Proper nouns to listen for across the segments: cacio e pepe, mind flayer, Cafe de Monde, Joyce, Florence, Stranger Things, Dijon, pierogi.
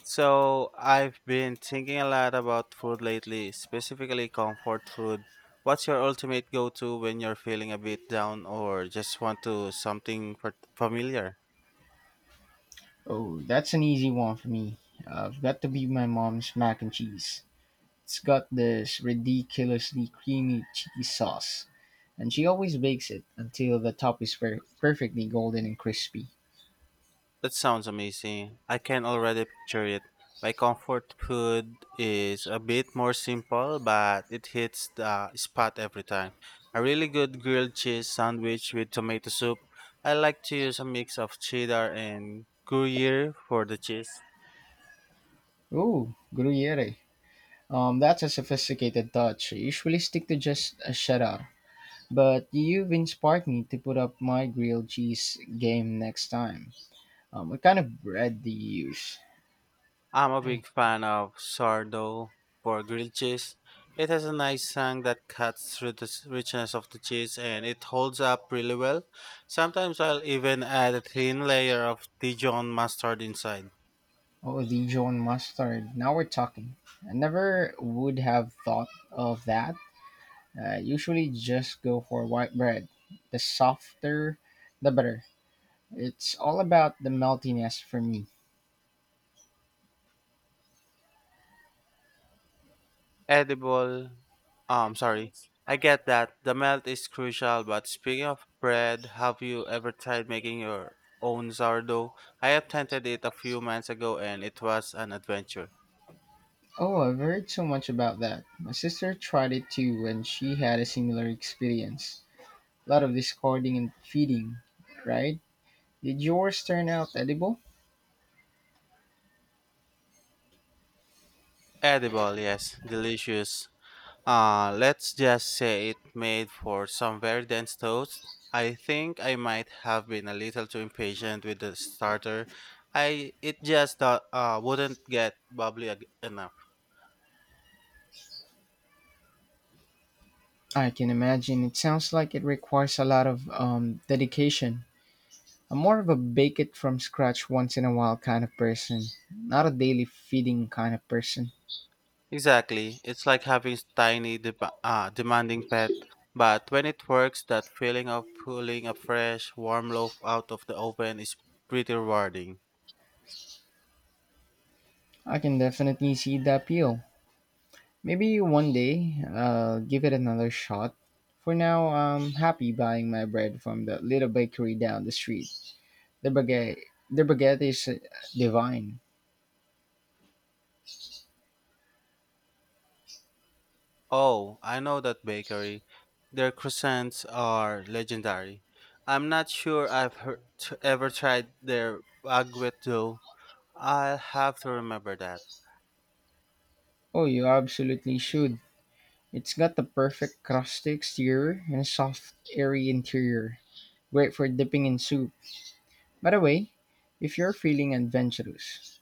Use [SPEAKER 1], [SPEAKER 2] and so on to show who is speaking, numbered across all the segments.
[SPEAKER 1] So, I've been thinking a lot about food lately, specifically comfort food. What's your ultimate go to when you're feeling a bit down or just want to something familiar?
[SPEAKER 2] Oh, that's an easy one for me. I've got to be my mom's mac and cheese. It's got this ridiculously creamy cheese sauce, and she always bakes it until the top is perfectly golden and crispy.
[SPEAKER 1] That sounds amazing. I can already picture it. My comfort food is a bit more simple, but it hits the spot every time. A really good grilled cheese sandwich with tomato soup. I like to use a mix of cheddar and gruyere for the cheese.
[SPEAKER 2] Ooh, gruyere. That's a sophisticated touch. I usually stick to just a cheddar, but you've inspired me to put up my grilled cheese game next time. What kind of bread do you use?
[SPEAKER 1] I'm a big fan of sourdough for grilled cheese. It has a nice tang that cuts through the richness of the cheese and it holds up really well. Sometimes I'll even add a thin layer of Dijon mustard inside.
[SPEAKER 2] Oh, Dijon mustard. Now we're talking. I never would have thought of that. I usually just go for white bread. The softer, the better. It's all about the meltiness for me.
[SPEAKER 1] Edible. Sorry. I get that the melt is crucial, but speaking of bread, have you ever tried making your own sourdough? I attempted it a few months ago and it was an adventure.
[SPEAKER 2] Oh, I've heard so much about that. My sister tried it too and she had a similar experience. A lot of discarding and feeding, right? Did yours turn out edible?
[SPEAKER 1] Edible, yes, delicious. Let's just say it made for some very dense toast. I think I might have been a little too impatient with the starter. I It just wouldn't get bubbly enough.
[SPEAKER 2] I can imagine. It sounds like it requires a lot of dedication. I'm more of a bake it from scratch once in a while kind of person, not a daily feeding kind of person.
[SPEAKER 1] Exactly. It's like having tiny demanding pet. But when it works, that feeling of pulling a fresh, warm loaf out of the oven is pretty rewarding.
[SPEAKER 2] I can definitely see the appeal. Maybe one day I'll give it another shot. For now, I'm happy buying my bread from the little bakery down the street. The baguette, the baguette is divine.
[SPEAKER 1] Oh, I know that bakery. Their croissants are legendary. I'm not sure I've heard, ever tried their baguette though. I'll have to remember that.
[SPEAKER 2] Oh, you absolutely should. It's got the perfect crusty exterior and a soft, airy interior. Great for dipping in soup. By the way, if you're feeling adventurous,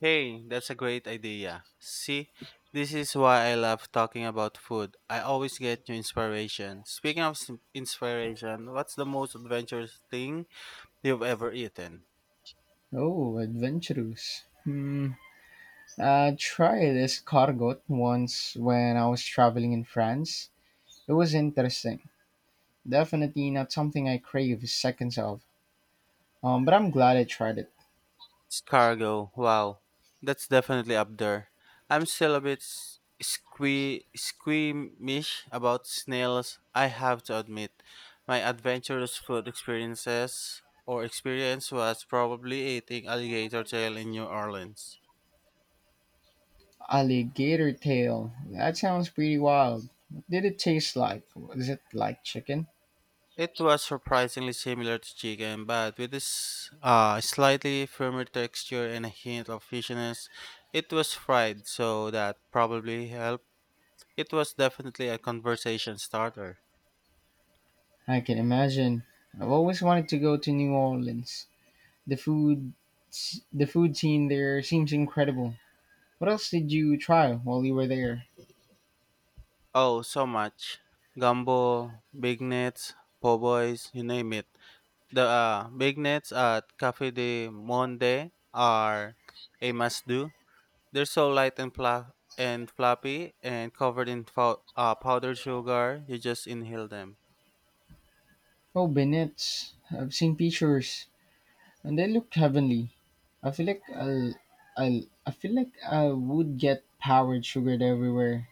[SPEAKER 1] Hey, that's a great idea. See, this is why I love talking about food. I always get new inspiration. Speaking of inspiration, what's the most adventurous thing you've ever eaten?
[SPEAKER 2] oh, adventurous. Hmm. I tried escargot once when I was traveling in France. It was interesting. Definitely not something I crave seconds of. But I'm glad I tried it.
[SPEAKER 1] Scargo, wow. That's definitely up there. I'm still a bit squeamish about snails, I have to admit. My adventurous food experience was probably eating alligator tail in New Orleans.
[SPEAKER 2] Alligator tail. That sounds pretty wild. What did it taste like? Was it like chicken?
[SPEAKER 1] It was surprisingly similar to chicken, but with this slightly firmer texture and a hint of fishiness. It was fried, so that probably helped. It was definitely a conversation starter.
[SPEAKER 2] I can imagine. I've always wanted to go to New Orleans. The food, the food scene there seems incredible. What else did you try while you were there?
[SPEAKER 1] Oh, so much. Gumbo, big nets, po' boys, you name it. The big nets at Cafe de Monde are a must do. They're so light and floppy and covered in powdered sugar. You just inhale them.
[SPEAKER 2] Oh, bennets. I've seen pictures, and they look heavenly. I feel like I'll, I feel like I would get powered sugared everywhere.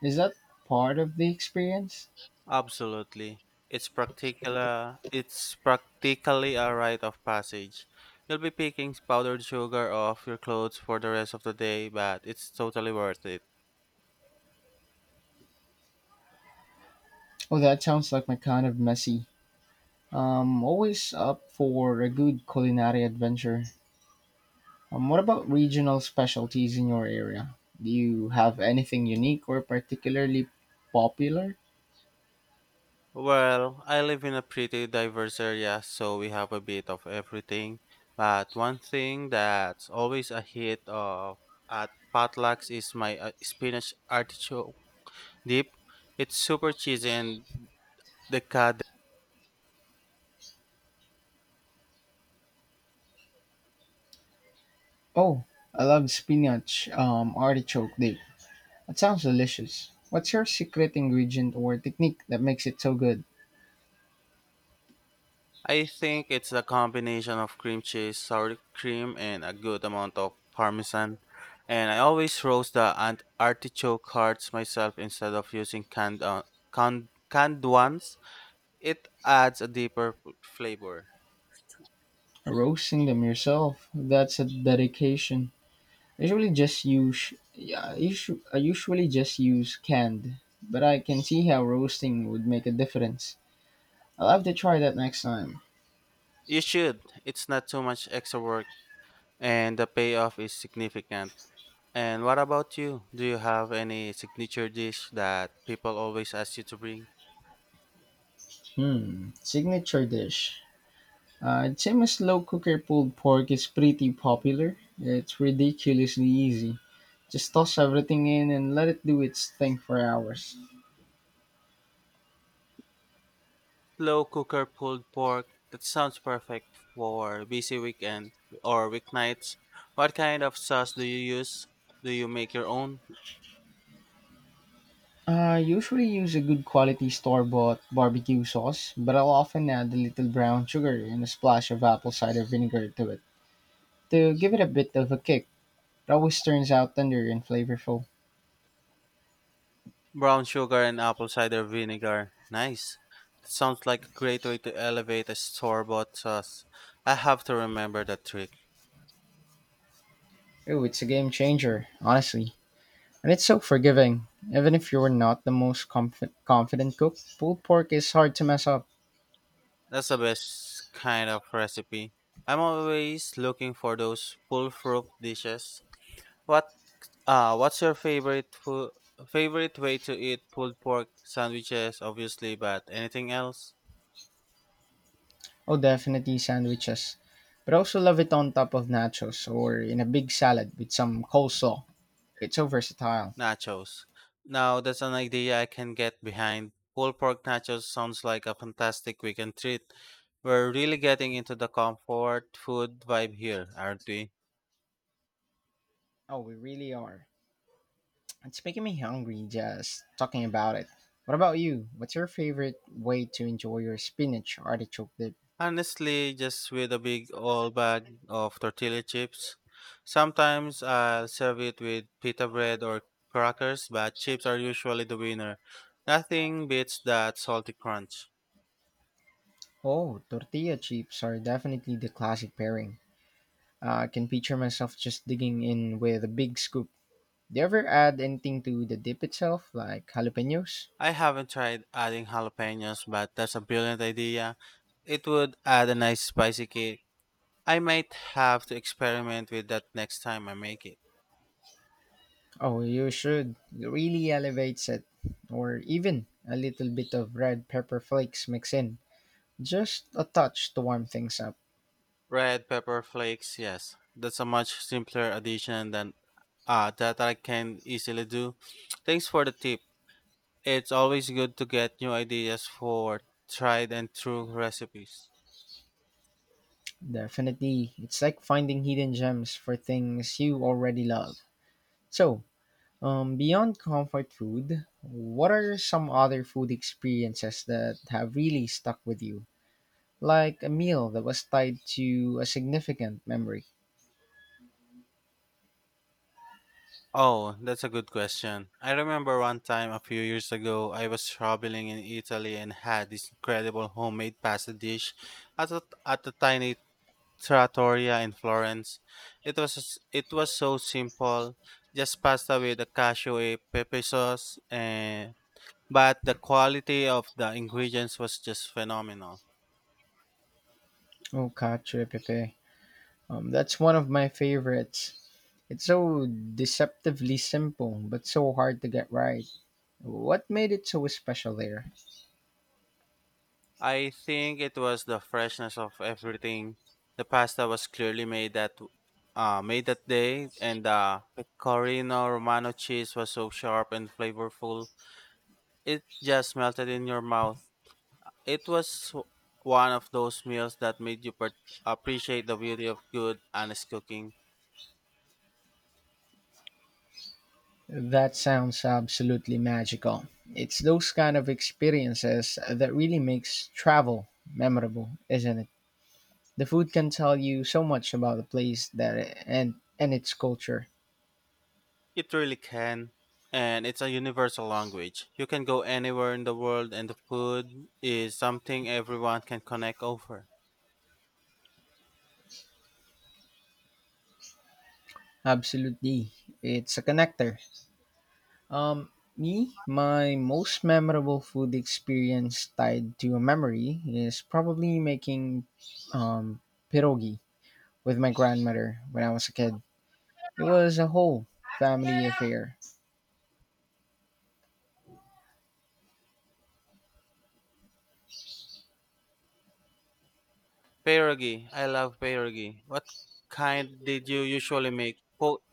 [SPEAKER 2] Is that part of the experience?
[SPEAKER 1] Absolutely. It's practically a rite of passage. You'll be picking powdered sugar off your clothes for the rest of the day, but it's totally worth it.
[SPEAKER 2] Oh, that sounds like my kind of messy. I'm always up for a good culinary adventure. What about regional specialties in your area? Do you have anything unique or particularly popular?
[SPEAKER 1] Well, I live in a pretty diverse area, so we have a bit of everything. But one thing that's always a hit of at potlucks is my spinach artichoke dip. It's super cheesy and decadent.
[SPEAKER 2] Oh, I love spinach, artichoke dish. That sounds delicious. What's your secret ingredient or technique that makes it so good?
[SPEAKER 1] I think it's a combination of cream cheese, sour cream, and a good amount of parmesan. And I always roast the artichoke hearts myself instead of using canned ones. It adds a deeper flavor.
[SPEAKER 2] Roasting them yourself. That's a dedication. I usually just use yeah, I usually just use canned, but I can see how roasting would make a difference. I'll have to try that next time.
[SPEAKER 1] You should. It's not too much extra work and the payoff is significant. And what about you? Do you have any signature dish that people always ask you to bring?
[SPEAKER 2] Hmm, signature dish. I'd say my slow cooker pulled pork is pretty popular. It's ridiculously easy. Just toss everything in and let it do its thing for hours.
[SPEAKER 1] Slow cooker pulled pork. That sounds perfect for busy weekend or weeknights. What kind of sauce do you use? Do you make your own?
[SPEAKER 2] I usually use a good quality store bought barbecue sauce, but I'll often add a little brown sugar and a splash of apple cider vinegar to it to give it a bit of a kick. It always turns out tender and flavorful.
[SPEAKER 1] Brown sugar and apple cider vinegar. Nice. That sounds like a great way to elevate a store bought sauce. I have to remember that trick.
[SPEAKER 2] Oh, it's a game changer, honestly. And it's so forgiving. Even if you're not the most confident cook, pulled pork is hard to mess up.
[SPEAKER 1] That's the best kind of recipe. I'm always looking for those full fruit dishes. What what's your favorite way to eat pulled pork, sandwiches obviously, but anything else?
[SPEAKER 2] Oh, definitely sandwiches. But I also love it on top of nachos or in a big salad with some coleslaw. It's so versatile.
[SPEAKER 1] Nachos. Now, that's an idea I can get behind. Pulled pork nachos sounds like a fantastic weekend treat. We're really getting into the comfort food vibe here, aren't we?
[SPEAKER 2] Oh, we really are. It's making me hungry just talking about it. What about you? What's your favorite way to enjoy your spinach artichoke dip?
[SPEAKER 1] Honestly, just with a big old bag of tortilla chips. Sometimes I'll serve it with pita bread or crackers, but chips are usually the winner. Nothing beats that salty crunch.
[SPEAKER 2] Oh, tortilla chips are definitely the classic pairing. I can picture myself just digging in with a big scoop. Do you ever add anything to the dip itself, like jalapenos?
[SPEAKER 1] I haven't tried adding jalapenos, but that's a brilliant idea. It would add a nice spicy kick. I might have to experiment with that next time I make it.
[SPEAKER 2] Oh, you should. It really elevates it. Or even a little bit of red pepper flakes mixed in. Just a touch to warm things up.
[SPEAKER 1] Red pepper flakes, yes. That's a much simpler addition than that I can easily do. Thanks for the tip. It's always good to get new ideas for tried and true recipes.
[SPEAKER 2] Definitely. It's like finding hidden gems for things you already love. So, beyond comfort food, what are some other food experiences that have really stuck with you? Like a meal that was tied to a significant memory.
[SPEAKER 1] Oh, that's a good question. I remember one time a few years ago, I was traveling in Italy and had this incredible homemade pasta dish at a tiny trattoria in Florence. It was it was so simple, just pasta with a cashew pepe sauce, and but the quality of the ingredients was just phenomenal.
[SPEAKER 2] Oh, cacio e pepe. That's one of my favorites. It's so deceptively simple, but so hard to get right. What made it so special there?
[SPEAKER 1] I think it was the freshness of everything. The pasta was clearly made that day, and the pecorino romano cheese was so sharp and flavorful. It just melted in your mouth. It was one of those meals that made you appreciate the beauty of good, honest cooking.
[SPEAKER 2] That sounds absolutely magical. It's those kind of experiences that really makes travel memorable, isn't it? The food can tell you so much about the place that and its culture.
[SPEAKER 1] It really can, and it's a universal language. You can go anywhere in the world, and the food is something everyone can connect over.
[SPEAKER 2] Absolutely. It's a connector. Um my most memorable food experience tied to a memory is probably making um pierogi with my grandmother when I was a kid. It was a whole family affair.
[SPEAKER 1] Pierogi. I love pierogi. What kind did you usually make?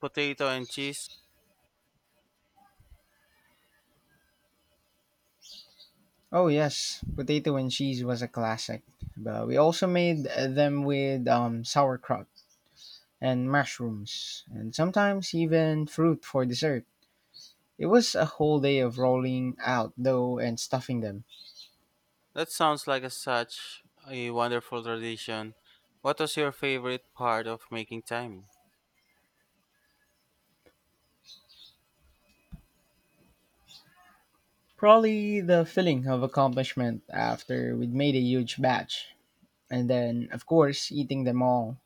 [SPEAKER 1] Potato and cheese?
[SPEAKER 2] Oh yes, potato and cheese was a classic. But we also made them with sauerkraut and mushrooms, and sometimes even fruit for dessert. It was a whole day of rolling out dough and stuffing them.
[SPEAKER 1] That sounds like such a wonderful tradition. What was your favorite part of making time?
[SPEAKER 2] Probably the feeling of accomplishment after we'd made a huge batch, and then of course eating them all.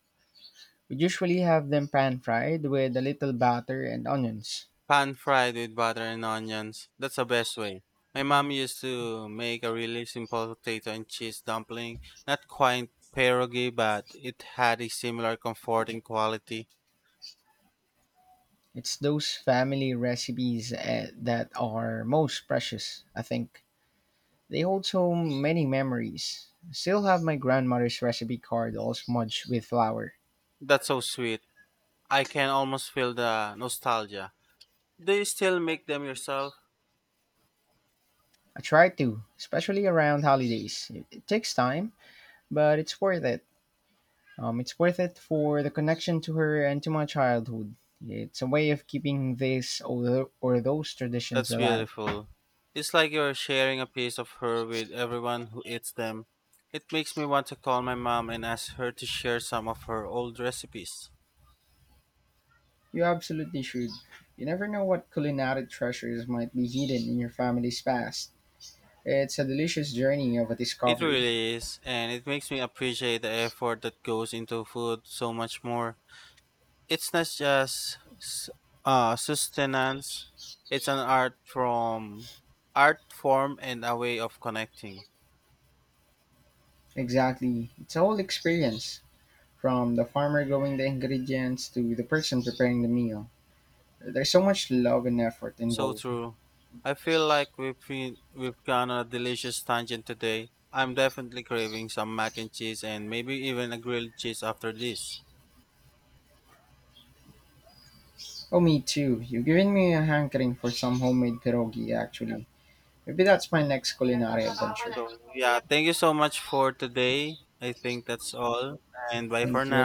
[SPEAKER 2] We usually have them pan fried with a little butter and onions.
[SPEAKER 1] Pan fried with butter and onions. That's the best way. My mom used to make a really simple potato and cheese dumpling. Not quite pierogi, but it had a similar comforting quality.
[SPEAKER 2] It's those family recipes that are most precious, I think. They hold so many memories. Still have my grandmother's recipe card all smudged with flour.
[SPEAKER 1] That's so sweet. I can almost feel the nostalgia. Do you still make them yourself?
[SPEAKER 2] I try to, especially around holidays. It takes time, but it's worth it. It's worth it for the connection to her and to my childhood. It's a way of keeping this or, tho- or those traditions
[SPEAKER 1] That's
[SPEAKER 2] alive.
[SPEAKER 1] beautiful. It's like you're sharing a piece of her with everyone who eats them. It makes me want to call my mom and ask her to share some of her old recipes.
[SPEAKER 2] You absolutely should. You never know what culinary treasures might be hidden in your family's past. It's a delicious journey of a
[SPEAKER 1] It
[SPEAKER 2] discovery.
[SPEAKER 1] really is, and it makes me appreciate the effort that goes into food so much more. It's not just sustenance, it's an art form and a way of connecting.
[SPEAKER 2] Exactly. It's a whole experience. From the farmer growing the ingredients to the person preparing the meal, there's so much love and effort
[SPEAKER 1] So
[SPEAKER 2] involved.
[SPEAKER 1] true. I feel like we've been, we've gone on a delicious tangent today. I'm definitely craving some mac and cheese and maybe even a grilled cheese after this.
[SPEAKER 2] Oh, me too. You've given me a hankering for some homemade pierogi, actually. Maybe that's my next culinary adventure.
[SPEAKER 1] So yeah, thank you so much for today. I think that's all. And bye for
[SPEAKER 2] Thank
[SPEAKER 1] now.
[SPEAKER 2] you